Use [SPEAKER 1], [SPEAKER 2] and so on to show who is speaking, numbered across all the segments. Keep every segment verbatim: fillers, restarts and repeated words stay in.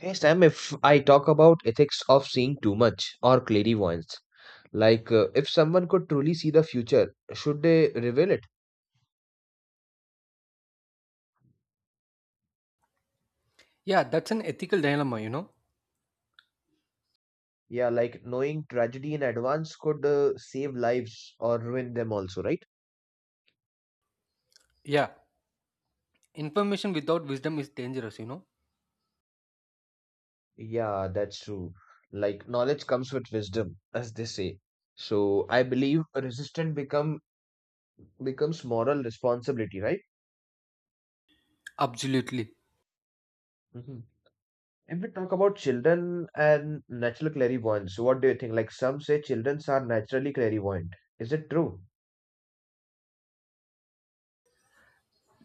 [SPEAKER 1] Hey Sam, if I talk about ethics of seeing too much or clairvoyance, like uh, if someone could truly see the future, should they reveal it?
[SPEAKER 2] Yeah, that's an ethical dilemma, you know.
[SPEAKER 1] Yeah, like knowing tragedy in advance could uh, save lives or ruin them also, right?
[SPEAKER 2] Yeah, information without wisdom is dangerous, you know.
[SPEAKER 1] Yeah, that's true. Like knowledge comes with wisdom, as they say. So I believe resistance become becomes moral responsibility, right?
[SPEAKER 2] Absolutely.
[SPEAKER 1] Mhm. If we talk about children and natural clairvoyance, so what do you think? Like some say children are naturally clairvoyant. Is it true?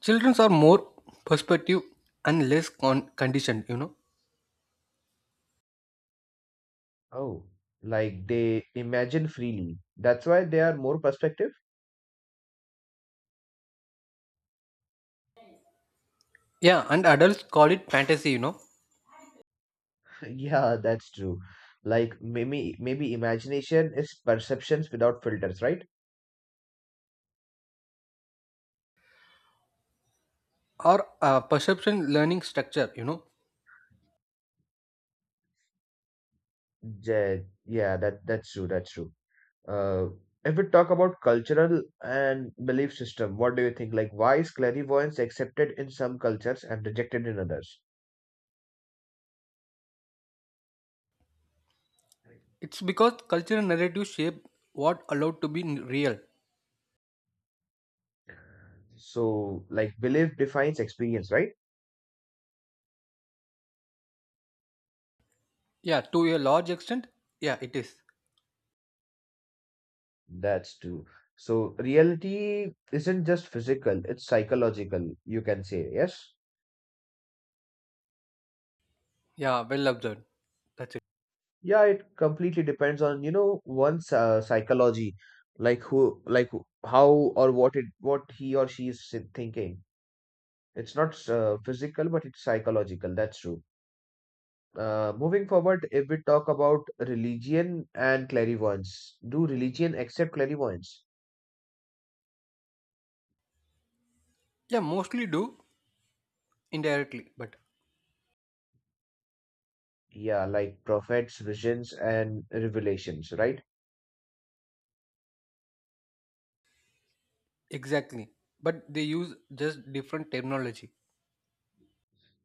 [SPEAKER 2] Children are more perspective and less con- conditioned, you know.
[SPEAKER 1] Oh, like they imagine freely. That's why they are more perspective?
[SPEAKER 2] Yeah, and adults call it fantasy, you know,
[SPEAKER 1] Yeah, that's true. Like maybe maybe imagination is perceptions without filters, right?
[SPEAKER 2] or uh, perception learning structure, you know.
[SPEAKER 1] Yeah, yeah, that that's true, that's true. Uh, if we talk about cultural and belief system, what do you think? Like why is clairvoyance accepted in some cultures and rejected in others?
[SPEAKER 2] It's because cultural narratives shape what allowed to be n- real.
[SPEAKER 1] So, like belief defines experience, right?
[SPEAKER 2] Yeah, to a large extent, yeah, it is.
[SPEAKER 1] That's true. So, reality isn't just physical, it's psychological, you can say, yes?
[SPEAKER 2] Yeah, well observed. That's it.
[SPEAKER 1] Yeah, it completely depends on, you know, one's uh, psychology, like who, like who- how or what it, what he or she is si- thinking. It's not uh, physical, but it's psychological. That's true. Uh, moving forward, if we talk about religion and clairvoyance, do religion accept clairvoyance?
[SPEAKER 2] Yeah, mostly do indirectly, but
[SPEAKER 1] Yeah, like prophets, visions, and revelations, right?
[SPEAKER 2] exactly. But they use just different terminology.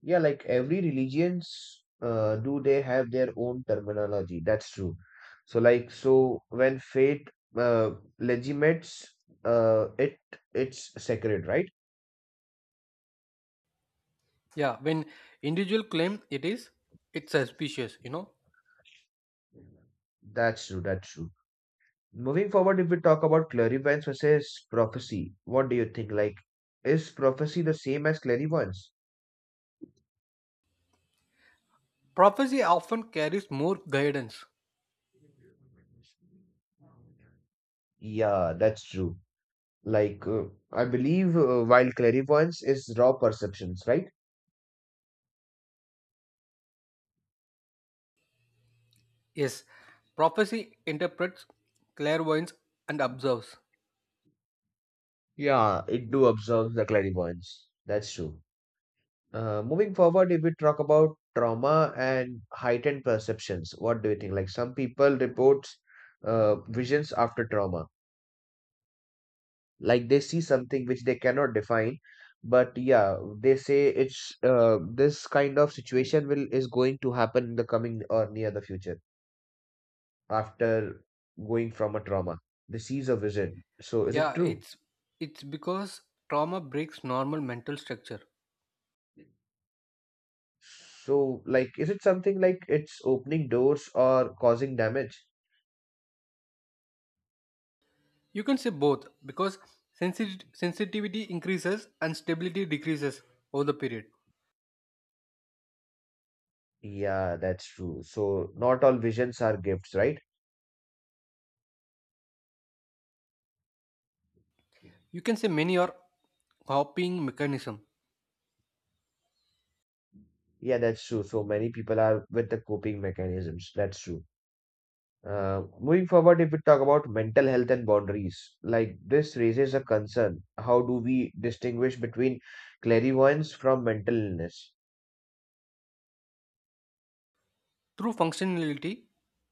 [SPEAKER 1] Yeah, like every religions uh, do they have their own terminology. That's true. So like so when faith uh, legitimates uh, it it's sacred, right?
[SPEAKER 2] Yeah, when individual claim it is, it's suspicious, you know.
[SPEAKER 1] That's true, that's true. Moving forward, if we talk about clairvoyance versus prophecy, what do you think? Like, is prophecy the same as clairvoyance?
[SPEAKER 2] Prophecy often carries more guidance.
[SPEAKER 1] Yeah, that's true. Like, uh, I believe uh, while clairvoyance is raw perceptions, right?
[SPEAKER 2] Yes, prophecy interprets, clairvoyance and observes.
[SPEAKER 1] Yeah, it do observe the clairvoyance. That's true. Uh, moving forward, if we talk about trauma and heightened perceptions, what do you think? Like, some people report uh, visions after trauma, like they see something which they cannot define, but yeah, they say it's uh, this kind of situation will is going to happen in the coming or near the future. After going from a trauma. They sees a vision. So is it
[SPEAKER 2] Yeah,
[SPEAKER 1] true?
[SPEAKER 2] it's it's because trauma breaks normal mental structure.
[SPEAKER 1] So like is it something like it's opening doors or causing damage?
[SPEAKER 2] You can say both because sensit- sensitivity increases and stability decreases over the period.
[SPEAKER 1] Yeah, that's true. So not all visions are gifts, right?
[SPEAKER 2] You can say many are copying mechanism.
[SPEAKER 1] Yeah, that's true. So many people are with the coping mechanisms. That's true. Uh, moving forward, if we talk about mental health and boundaries, like this raises a concern. How do we distinguish between clairvoyance from mental illness?
[SPEAKER 2] Through functionality,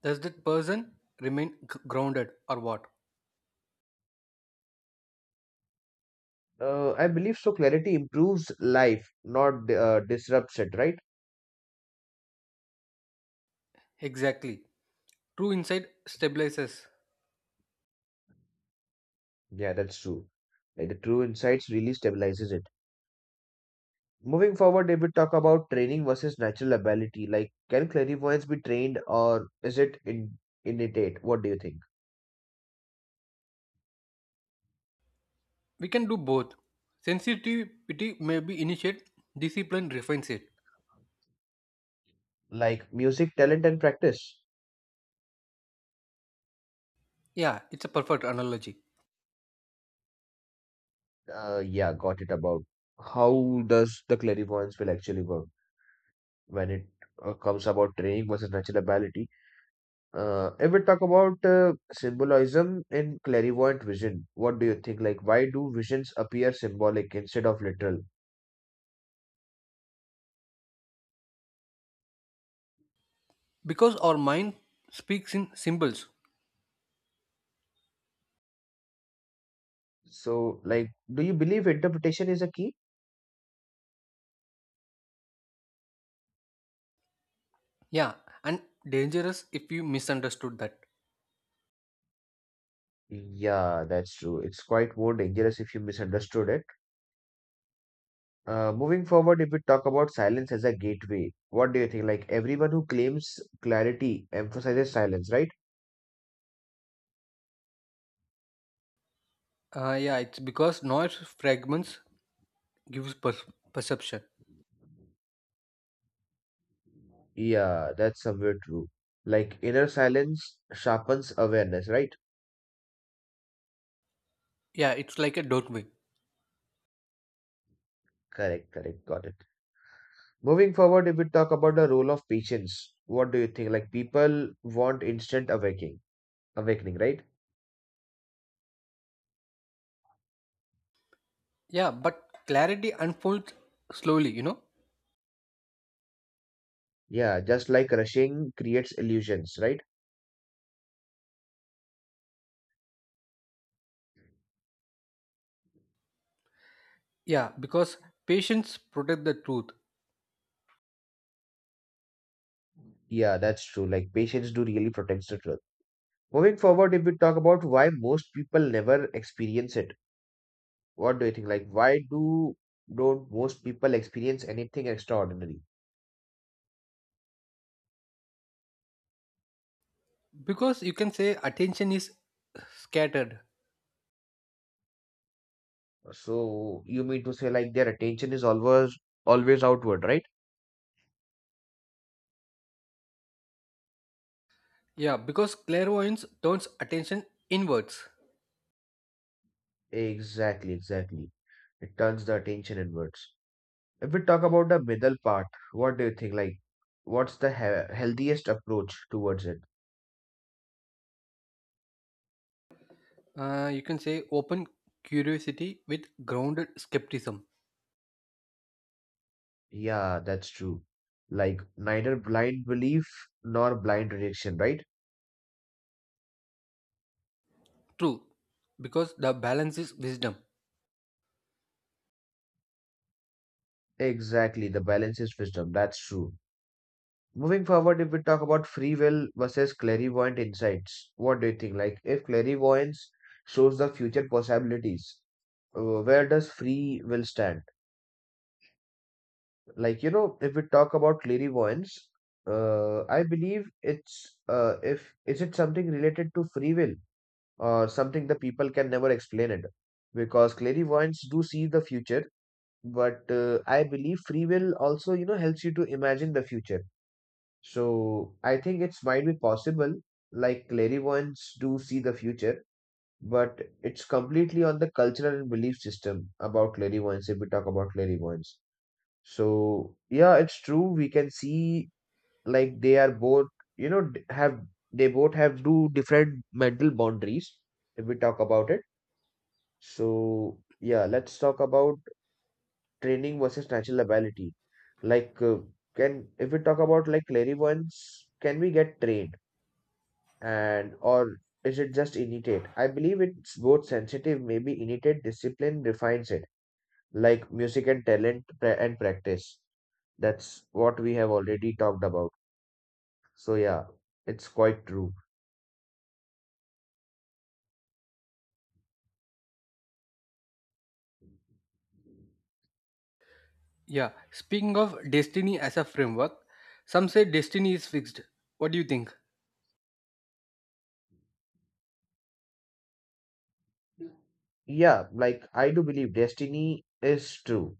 [SPEAKER 2] does that person remain g- grounded or what?
[SPEAKER 1] Uh, I believe so. Clarity improves life, not uh, disrupts it, right?
[SPEAKER 2] Exactly. True insight stabilizes.
[SPEAKER 1] Yeah, that's true. Like the true insights really stabilizes it. Moving forward, if we talk about training versus natural ability, like can clairvoyance be trained or is it in innate? What do you think?
[SPEAKER 2] We can do both. Sensitivity maybe initiate, discipline refines it.
[SPEAKER 1] Like music, talent, and practice.
[SPEAKER 2] Yeah, it's a perfect analogy.
[SPEAKER 1] Uh, yeah, got it. About how does the clairvoyance will actually work when it uh, comes about training versus natural ability? Uh, if we talk about uh, symbolism in clairvoyant vision, what do you think? Like, why do visions appear symbolic instead of literal?
[SPEAKER 2] Because our mind speaks in symbols.
[SPEAKER 1] So, like, do you believe interpretation is a key?
[SPEAKER 2] Yeah, and dangerous if you misunderstood that.
[SPEAKER 1] Yeah, that's true. It's quite more dangerous if you misunderstood it. Uh, moving forward, if we talk about silence as a gateway, what do you think? Like, everyone who claims clarity emphasizes silence, right?
[SPEAKER 2] Uh, yeah, it's because noise fragments gives per- perception.
[SPEAKER 1] Yeah, that's somewhere true. Like, inner silence sharpens awareness, right?
[SPEAKER 2] Yeah, it's like a doorway.
[SPEAKER 1] Correct, correct, got it. Moving forward, if we talk about the role of patience, what do you think? Like people want instant awakening, awakening, right?
[SPEAKER 2] Yeah, but clarity unfolds slowly, you know?
[SPEAKER 1] Yeah, just like rushing creates illusions, right?
[SPEAKER 2] Yeah, because patience protect the truth.
[SPEAKER 1] Yeah, that's true. Like patience do really protects the truth. Moving forward, if we talk about why most people never experience it, what do you think? Like why do don't most people experience anything extraordinary?
[SPEAKER 2] Because you can say attention is scattered.
[SPEAKER 1] So you mean to say like their attention is always always outward, right?
[SPEAKER 2] Yeah, because clairvoyance turns attention inwards.
[SPEAKER 1] Exactly, exactly. It turns the attention inwards. If we talk about the middle part, what do you think? Like, what's the he- healthiest approach towards it?
[SPEAKER 2] Uh, you can say open curiosity with grounded skepticism.
[SPEAKER 1] Yeah, that's true. Like, neither blind belief nor blind rejection, right?
[SPEAKER 2] True, because the balance is wisdom.
[SPEAKER 1] Exactly. The balance is wisdom. That's true. Moving forward, if we talk about free will versus clairvoyant insights, what do you think? Like, if clairvoyance shows the future possibilities, uh, where does free will stand? Like, you know, if we talk about clairvoyance, uh, I believe it's, uh, if is it something related to free will or something the people can never explain it, because clairvoyants do see the future, but uh, I believe free will also, you know, helps you to imagine the future. So I think it's might be possible. Like clairvoyants do see the future, but it's completely on the cultural and belief system about clairvoyance. If we talk about clairvoyance, so yeah, it's true. We can see like they are both, you know, d- have they both have two different mental boundaries if we talk about it. So yeah, let's talk about training versus natural ability. Like uh, can if we talk about like clairvoyance, can we get trained and or is it just innate? I believe it's both sensitive, maybe innate discipline refines it, like music and talent pra- and practice. That's what we have already talked about. So yeah, it's quite true.
[SPEAKER 2] Yeah, speaking of destiny as a framework, some say destiny is fixed. What do you think?
[SPEAKER 1] Yeah, like I do believe destiny is true.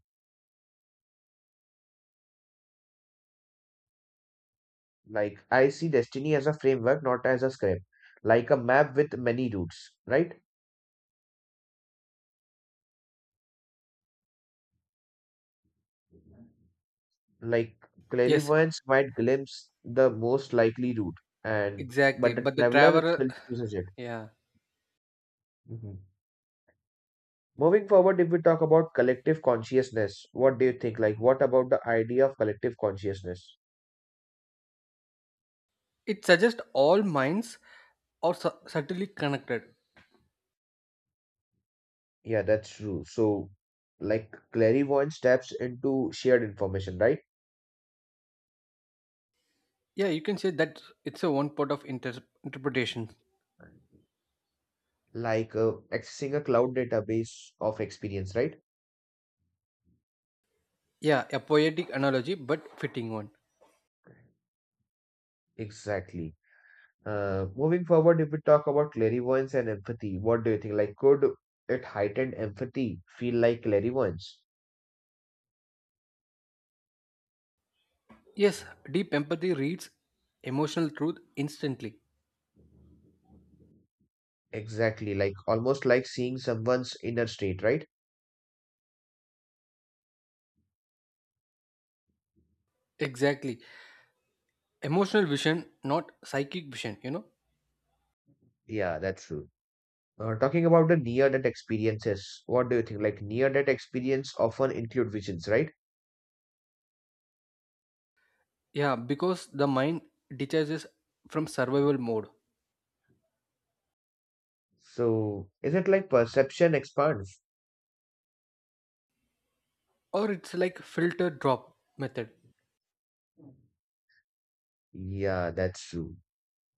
[SPEAKER 1] Like I see destiny as a framework, not as a script, like a map with many routes, right? Like
[SPEAKER 2] Yes,
[SPEAKER 1] clairvoyance might glimpse the most likely route, and but
[SPEAKER 2] exactly.
[SPEAKER 1] the
[SPEAKER 2] But the
[SPEAKER 1] traveler
[SPEAKER 2] traveler,
[SPEAKER 1] still chooses it.
[SPEAKER 2] yeah,
[SPEAKER 1] Mhm. Moving forward, if we talk about collective consciousness, what do you think? Like, what about the idea of collective consciousness?
[SPEAKER 2] it suggests all minds are su- subtly connected.
[SPEAKER 1] Yeah, that's true. So, like clairvoyance taps into shared information, right?
[SPEAKER 2] Yeah, you can say that it's a one part of inter- interpretation.
[SPEAKER 1] Like uh, accessing a cloud database of experience, right?
[SPEAKER 2] Yeah, a poetic analogy, but fitting one.
[SPEAKER 1] Exactly. Uh, moving forward, if we talk about clairvoyance and empathy, what do you think? Like, could it heightened empathy feel like clairvoyance?
[SPEAKER 2] Yes, deep empathy reads emotional truth instantly.
[SPEAKER 1] Exactly, like almost like seeing someone's inner state, right?
[SPEAKER 2] Exactly. Emotional vision, not psychic vision, you know?
[SPEAKER 1] Yeah, that's true. Uh, talking about the near-death experiences, what do you think? Like near-death experience often include visions, right?
[SPEAKER 2] Yeah, because the mind detaches from survival mode.
[SPEAKER 1] So, is it like perception expands?
[SPEAKER 2] Or it's like filter drop method.
[SPEAKER 1] Yeah, that's true.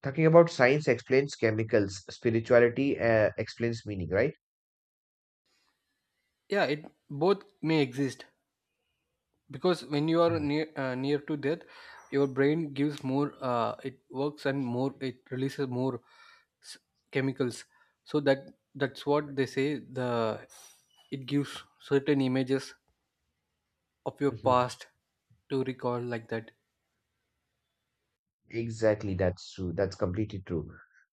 [SPEAKER 1] Talking about science explains chemicals, spirituality uh, explains meaning, right?
[SPEAKER 2] Yeah, it both may exist, because when you are near uh, near to death your brain gives more uh, it works and more it releases more s- chemicals, so that that's what they say, the it gives certain images of your
[SPEAKER 1] Mm-hmm.
[SPEAKER 2] past to recall like that.
[SPEAKER 1] Exactly, that's true. That's completely true.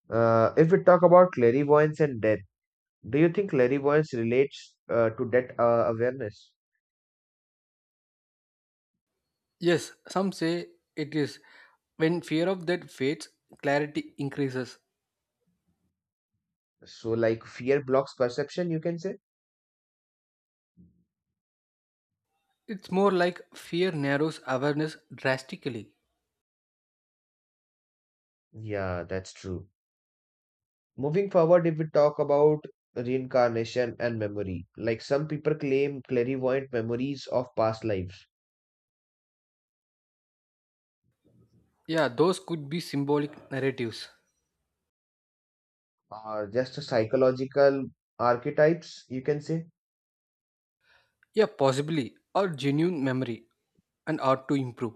[SPEAKER 1] Uh, if we talk about clairvoyance and death, do you think clairvoyance relates uh, to death uh, awareness?
[SPEAKER 2] Yes, some say it is, when fear of death fades clarity increases.
[SPEAKER 1] So, like fear blocks perception, you can say?
[SPEAKER 2] It's more like fear narrows awareness drastically.
[SPEAKER 1] Yeah, that's true. Moving forward, if we talk about reincarnation and memory, like some people claim clairvoyant memories of past lives
[SPEAKER 2] Yeah, those could be symbolic narratives.
[SPEAKER 1] are just a psychological archetypes, you can say.
[SPEAKER 2] Yeah, possibly. Or genuine memory and art to improve.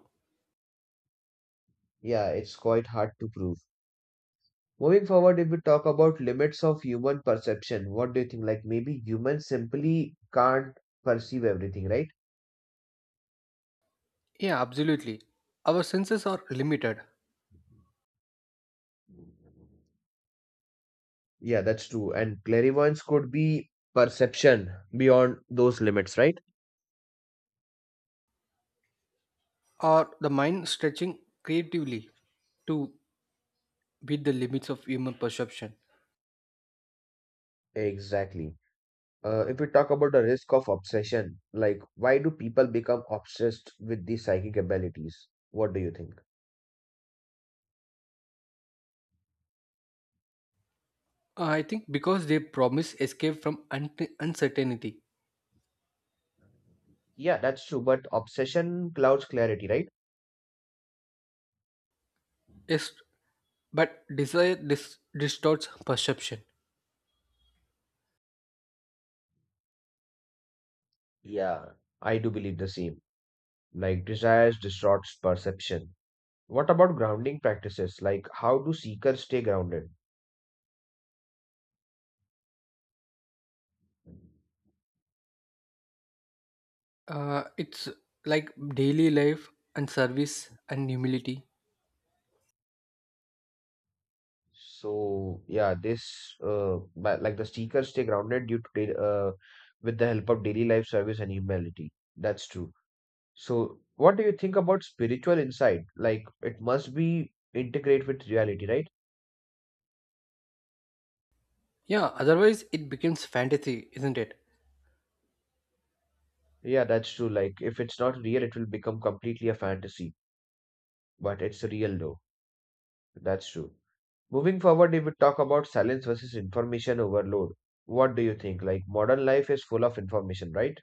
[SPEAKER 1] Yeah, it's quite hard to prove. Moving forward, if we talk about limits of human perception, what do you think? Like maybe humans simply can't perceive everything, right?
[SPEAKER 2] Yeah, absolutely. Our senses are limited,
[SPEAKER 1] Yeah, that's true. And clairvoyance could be perception beyond those limits, right?
[SPEAKER 2] or the mind stretching creatively to beat the limits of human perception.
[SPEAKER 1] Exactly. Uh, if we talk about the risk of obsession, like why do people become obsessed with these psychic abilities? What do you think?
[SPEAKER 2] I think because they promise escape from un- uncertainty.
[SPEAKER 1] Yeah, that's true, but obsession clouds clarity, right?
[SPEAKER 2] Yes, but desire dis- distorts perception.
[SPEAKER 1] Yeah, I do believe the same. Like desires distorts perception. What about grounding practices? Like how do seekers stay grounded?
[SPEAKER 2] Uh, it's like daily life and service and humility.
[SPEAKER 1] So yeah, this uh but like the seekers stay grounded due to dai- uh with the help of daily life service and humility. That's true. So what do you think about spiritual insight? Like it must be integrate with reality, right?
[SPEAKER 2] Yeah, otherwise it becomes fantasy, isn't it?
[SPEAKER 1] Yeah, that's true. Like if it's not real, it will become completely a fantasy, but it's real though. That's true. Moving forward, if we talk about silence versus information overload, what do you think? Like modern life is full of information, right?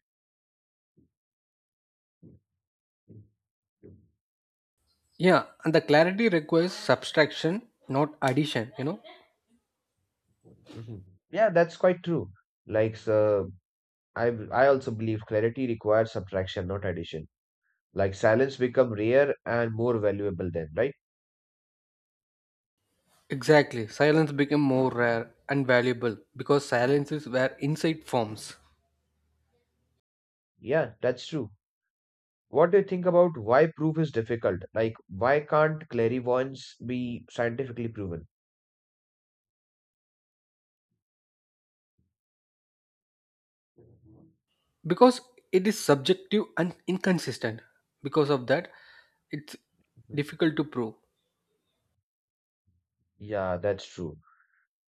[SPEAKER 2] Yeah, and the clarity requires subtraction, not addition, you know?
[SPEAKER 1] Mhm. Yeah, that's quite true. Like, so I I also believe clarity requires subtraction, not addition. Like silence become rare and more valuable then, right?
[SPEAKER 2] Exactly. Silence became more rare and valuable because silence is where insight forms.
[SPEAKER 1] Yeah, that's true. What do you think about why proof is difficult? Like, why can't clairvoyance be scientifically proven?
[SPEAKER 2] Because it is subjective and inconsistent. Because of that, it's
[SPEAKER 1] Mhm.
[SPEAKER 2] difficult to prove.
[SPEAKER 1] Yeah, that's true.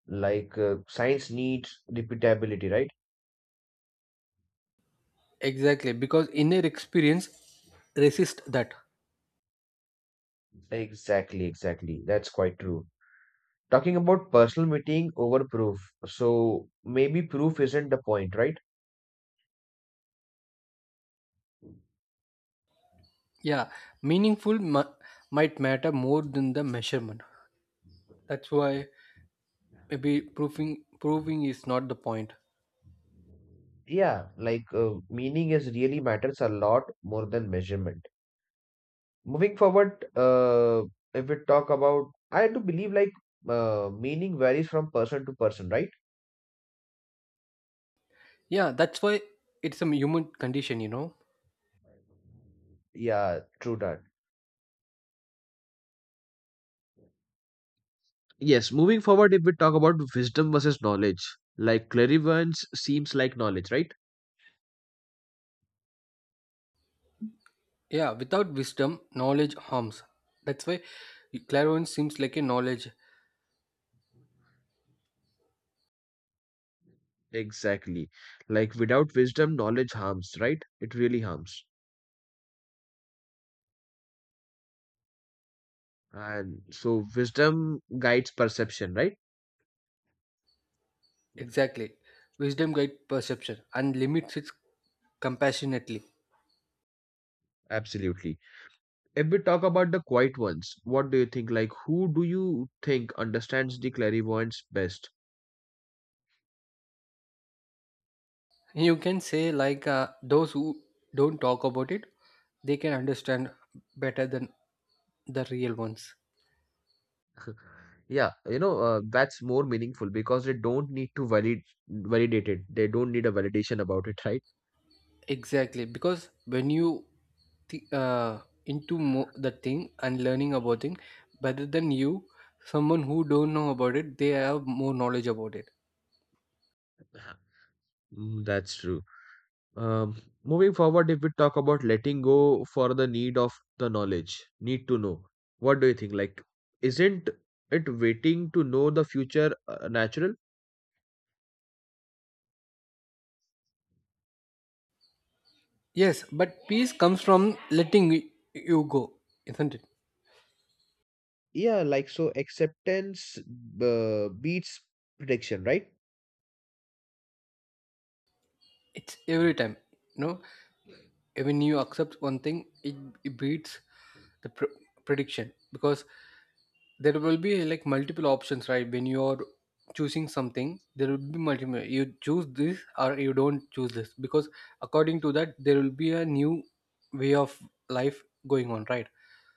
[SPEAKER 1] Like, uh, science needs repeatability, right?
[SPEAKER 2] Exactly, because inner experience resists that.
[SPEAKER 1] Exactly, exactly. That's quite true. Talking about personal meeting over proof. So maybe proof isn't the point, right?
[SPEAKER 2] Yeah, meaningful mu- might matter more than the measurement. That's why maybe proving proving is not the point.
[SPEAKER 1] Yeah, like uh, meaning is really matters a lot more than measurement. Moving forward, uh, if we talk about, I do believe like uh, meaning varies from person to person, right?
[SPEAKER 2] Yeah, that's why it's a human condition, you know.
[SPEAKER 1] Yeah, true that. Yes, moving forward, if we talk about wisdom versus knowledge, like clairvoyance seems like knowledge, right?
[SPEAKER 2] Yeah, without wisdom, knowledge harms. That's why clairvoyance seems like a knowledge.
[SPEAKER 1] Exactly. Like without wisdom, knowledge harms, right? It really harms. And so wisdom guides perception, right?
[SPEAKER 2] Exactly. Wisdom guides perception and limits it compassionately.
[SPEAKER 1] Absolutely. If we talk about the quiet ones, what do you think? Like, who do you think understands the clairvoyance best?
[SPEAKER 2] You can say like uh, those who don't talk about it, they can understand better than the real ones.
[SPEAKER 1] Yeah, you know, uh, that's more meaningful because they don't need to valid validate it. They don't need a validation about it, right?
[SPEAKER 2] Exactly, because when you th- uh, into mo- the thing and learning about thing, rather than you, someone who don't know about it, they have more knowledge about it.
[SPEAKER 1] Mm, that's true. Um, moving forward, if we talk about letting go for the need of the knowledge, need to know, what do you think? Like, isn't it waiting to know the future uh, natural?
[SPEAKER 2] Yes, but peace comes from letting y- you go, isn't it?
[SPEAKER 1] Yeah, like so acceptance uh, beats prediction, right?
[SPEAKER 2] It's every time, you know. When you accept one thing, it, it beats the pr- prediction, because there will be like multiple options, right? When you're choosing something there will be multiple, you choose this or you don't choose this, because according to that there will be a new way of life going on, right?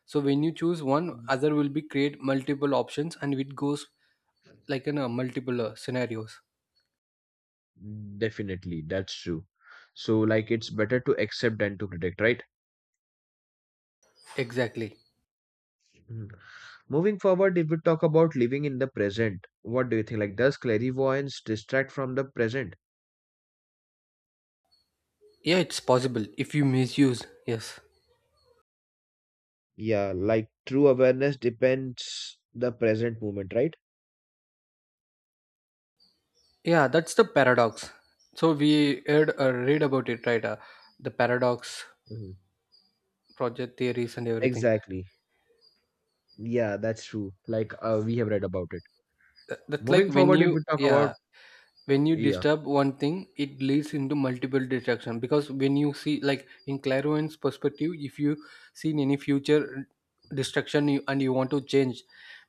[SPEAKER 2] So when you choose one, other will be create multiple options, and it goes like in a multiple uh, scenarios.
[SPEAKER 1] Definitely, that's true. So, like, it's better to accept than to predict, right?
[SPEAKER 2] Exactly.
[SPEAKER 1] Mhm. Moving forward, if we talk about living in the present, what do you think? Like, does clairvoyance distract from the present?
[SPEAKER 2] Yeah, it's possible if you misuse, yes.
[SPEAKER 1] Yeah, like true awareness depends the present moment, right?
[SPEAKER 2] Yeah, that's the paradox, so we heard, uh, read about it, right? Uh, the paradox,
[SPEAKER 1] Hmm.
[SPEAKER 2] project theories and everything.
[SPEAKER 1] Exactly. Yeah, that's true. Like uh, we have read about it.
[SPEAKER 2] Th- that's like
[SPEAKER 1] Moving
[SPEAKER 2] when
[SPEAKER 1] forward, if
[SPEAKER 2] you,
[SPEAKER 1] we talk about
[SPEAKER 2] yeah, when you
[SPEAKER 1] yeah,
[SPEAKER 2] disturb one thing it leads into multiple distraction, because when you see like in clairvoyant's perspective, if you seen any future destruction, you, and you want to change,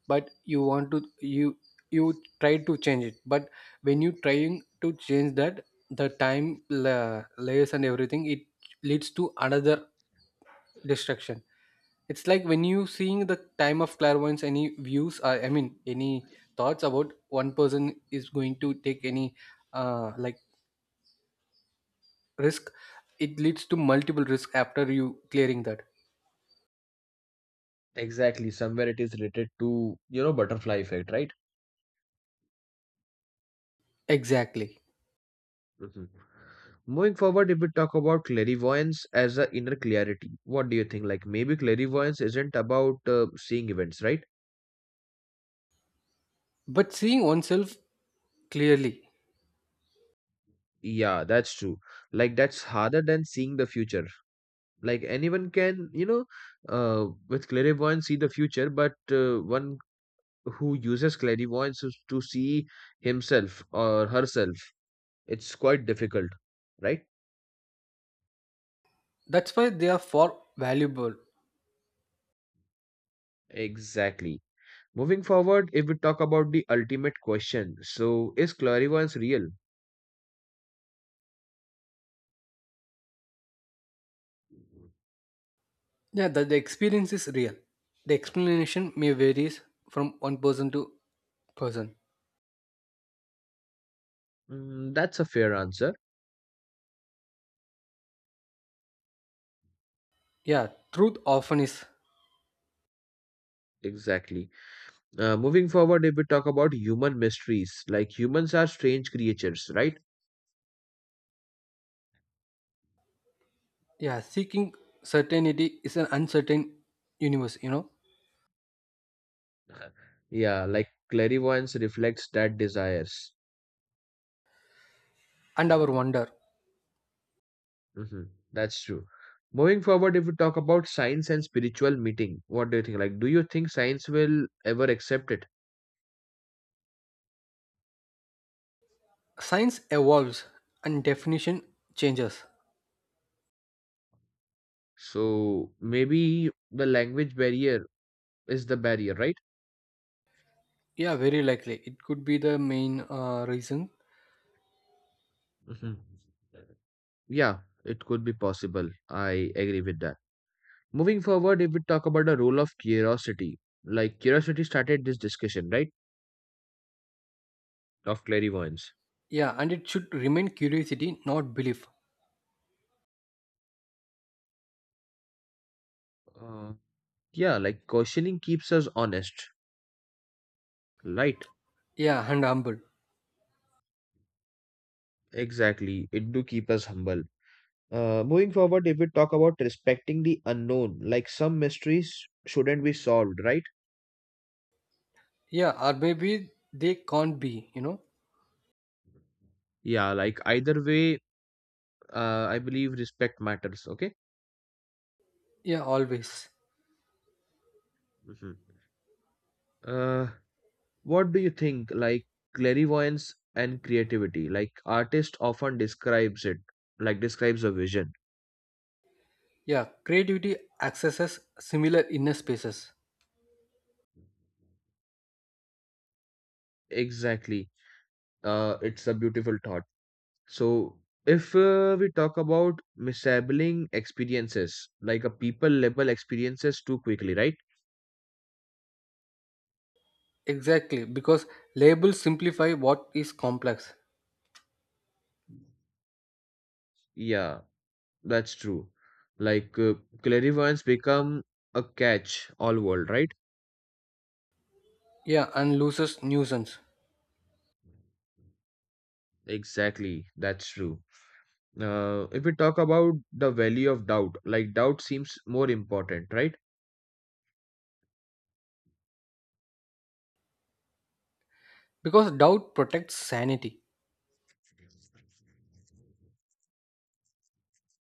[SPEAKER 2] but you want to you you try to change it, but when you trying to change that, the time la- layers and everything, it leads to another destruction. It's like when you seeing the time of clairvoyance, any views, uh, I mean, any thoughts about one person is going to take any uh, like risk, it leads to multiple risk after you clearing that.
[SPEAKER 1] exactly. Somewhere it is related to you know butterfly effect, right?
[SPEAKER 2] Exactly.
[SPEAKER 1] Hmm. Moving forward, if we talk about clairvoyance as a inner clarity, what do you think? Like maybe clairvoyance isn't about uh, seeing events, right?
[SPEAKER 2] But seeing oneself clearly,
[SPEAKER 1] Yeah, that's true. Like that's harder than seeing the future. Like anyone can you know uh, with clairvoyance see the future but uh, one who uses clairvoyance is to see himself or herself, it's quite difficult, right?
[SPEAKER 2] that's why they are for valuable.
[SPEAKER 1] Exactly. Moving forward, if we talk about the ultimate question, so is clairvoyance real?
[SPEAKER 2] Yeah, that the experience is real. The explanation may varies from one person to person.
[SPEAKER 1] Mm, that's a fair answer.
[SPEAKER 2] Yeah, truth often is.
[SPEAKER 1] Exactly. Uh, moving forward, if we talk about human mysteries, like humans are strange creatures, right?
[SPEAKER 2] Yeah, seeking certainty is an uncertain universe, you know.
[SPEAKER 1] Uh, Yeah, like clairvoyance reflects that desires.
[SPEAKER 2] And our wonder.
[SPEAKER 1] Hmm. That's true. Moving forward, if we talk about science and spiritual meeting, what do you think? Like, do you think science will ever accept it?
[SPEAKER 2] Science evolves and definition changes.
[SPEAKER 1] So maybe the language barrier is the barrier, right?
[SPEAKER 2] Yeah, very likely. It could be the main uh, reason.
[SPEAKER 1] Hmm. Yeah, it could be possible. I agree with that. Moving forward, if we talk about the role of curiosity, like curiosity started this discussion, right? Of clairvoyance.
[SPEAKER 2] Yeah, and it should remain curiosity, not belief.
[SPEAKER 1] Uh, yeah, like questioning keeps us honest, right?
[SPEAKER 2] Yeah, and humble.
[SPEAKER 1] Exactly. It do keep us humble. Uh, moving forward, if we talk about respecting the unknown, like some mysteries shouldn't be solved, right?
[SPEAKER 2] Yeah, or maybe they can't be, you know.
[SPEAKER 1] Yeah, like either way, uh, I believe respect matters. Okay.
[SPEAKER 2] Yeah, always.
[SPEAKER 1] Hmm. Uh, what do you think? Like clairvoyance and creativity. Like artist often describes it, like describes a vision.
[SPEAKER 2] Yeah, creativity accesses similar inner spaces.
[SPEAKER 1] Exactly. Uh, it's a beautiful thought. So if uh, we talk about misabling experiences, like a people label experiences too quickly, right?
[SPEAKER 2] Exactly, because labels simplify what is complex.
[SPEAKER 1] Yeah. That's true. Like uh, clairvoyance become a catch all world, right?
[SPEAKER 2] Yeah, and loses nuisance.
[SPEAKER 1] Exactly. That's true. Uh, if we talk about the value of doubt, like doubt seems more important, right?
[SPEAKER 2] Because doubt protects sanity.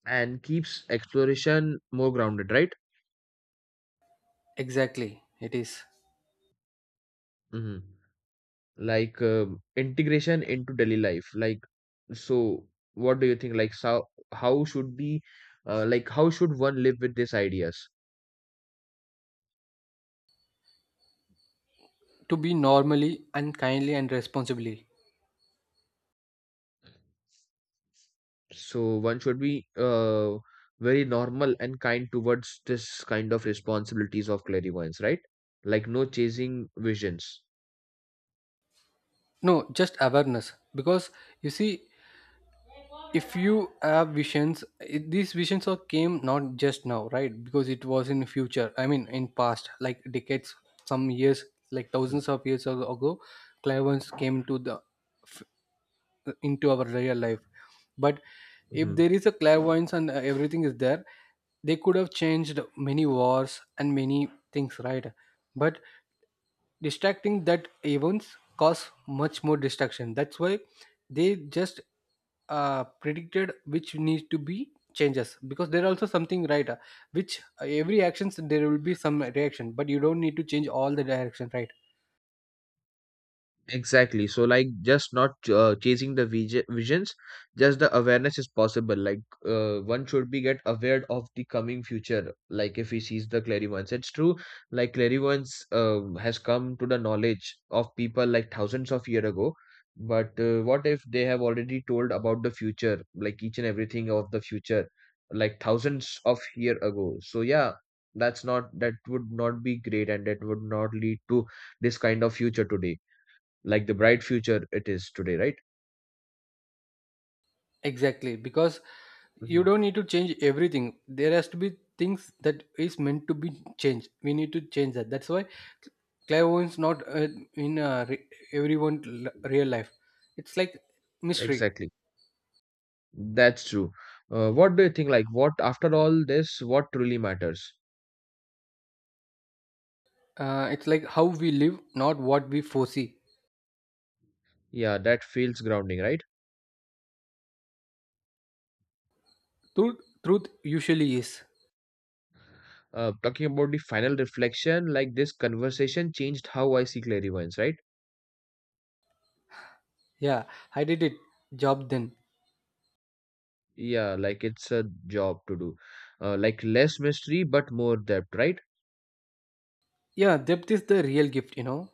[SPEAKER 1] And keeps exploration more grounded, right?
[SPEAKER 2] Exactly, it is.
[SPEAKER 1] Hmm. Like um integration into daily life. Like so, what do you think? Like how how should be, uh, like how should one live with these ideas?
[SPEAKER 2] To be normally and kindly and responsibly.
[SPEAKER 1] So one should be uh, very normal and kind towards this kind of responsibilities of clairvoyance, right? Like no chasing visions.
[SPEAKER 2] No, just awareness, because you see, if you have visions it, these visions are came not just now, right? Because it was in future, I mean in past, like decades, some years, like thousands of years ago ago, clairvoyance came to the into our real life. But if
[SPEAKER 1] Hmm.
[SPEAKER 2] there is a clairvoyance and uh, everything is there, they could have changed many wars and many things, right? But distracting that events cause much more distraction, that's why they just uh, predicted which need to be changes, because there are also something, right? Uh, which uh, every actions there will be some reaction, but you don't need to change all the direction, right?
[SPEAKER 1] Exactly. So, like, just not uh, chasing the vij- visions, just the awareness is possible. Like, uh, one should be get aware of the coming future. Like, if he sees the clairvoyance, it's true. Like, clairvoyance um has come to the knowledge of people like thousands of year ago. But uh, what if they have already told about the future, like each and everything of the future, like thousands of year ago? So yeah, that's not that would not be great, and that would not lead to this kind of future today like the bright future it is today, right?
[SPEAKER 2] Exactly, because
[SPEAKER 1] Hmm.
[SPEAKER 2] you don't need to change everything, there has to be things that is meant to be changed, we need to change that. That's why clairvoyance not uh, in uh, re- everyone l- real life, it's like mystery.
[SPEAKER 1] Exactly. That's true. Uh, what do you think? Like, what after all this, what truly matters?
[SPEAKER 2] Uh, it's like how we live, not what we foresee.
[SPEAKER 1] Yeah, that feels grounding, right?
[SPEAKER 2] Truth truth usually is.
[SPEAKER 1] Uh, talking about the final reflection, like this conversation changed how I see clairvoyance, right?
[SPEAKER 2] Yeah, I did it job then.
[SPEAKER 1] Yeah, like it's a job to do. Uh, like less mystery, but more depth, right?
[SPEAKER 2] Yeah, depth is the real gift, you know.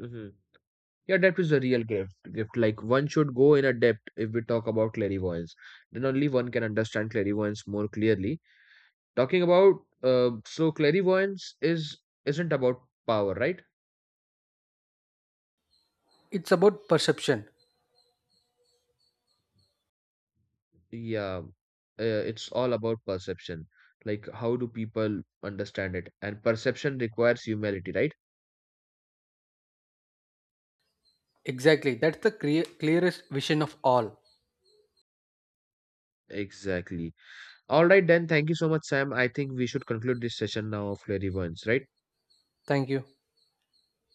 [SPEAKER 1] Hmm. Yeah, depth is a real gift. Gift like one should go in a depth if we talk about clairvoyance. Then only one can understand clairvoyance more clearly. Talking about uh, so clairvoyance is isn't about power, right?
[SPEAKER 2] It's about perception.
[SPEAKER 1] Yeah, uh, it's all about perception. Like how do people understand it? And perception requires humility, right?
[SPEAKER 2] Exactly, that's the clear, clearest vision of all.
[SPEAKER 1] Exactly. All right, then. Thank you so much, Sam. I think we should conclude this session now of clairvoyance, right?
[SPEAKER 2] Thank you.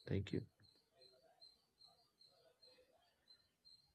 [SPEAKER 1] Thank you.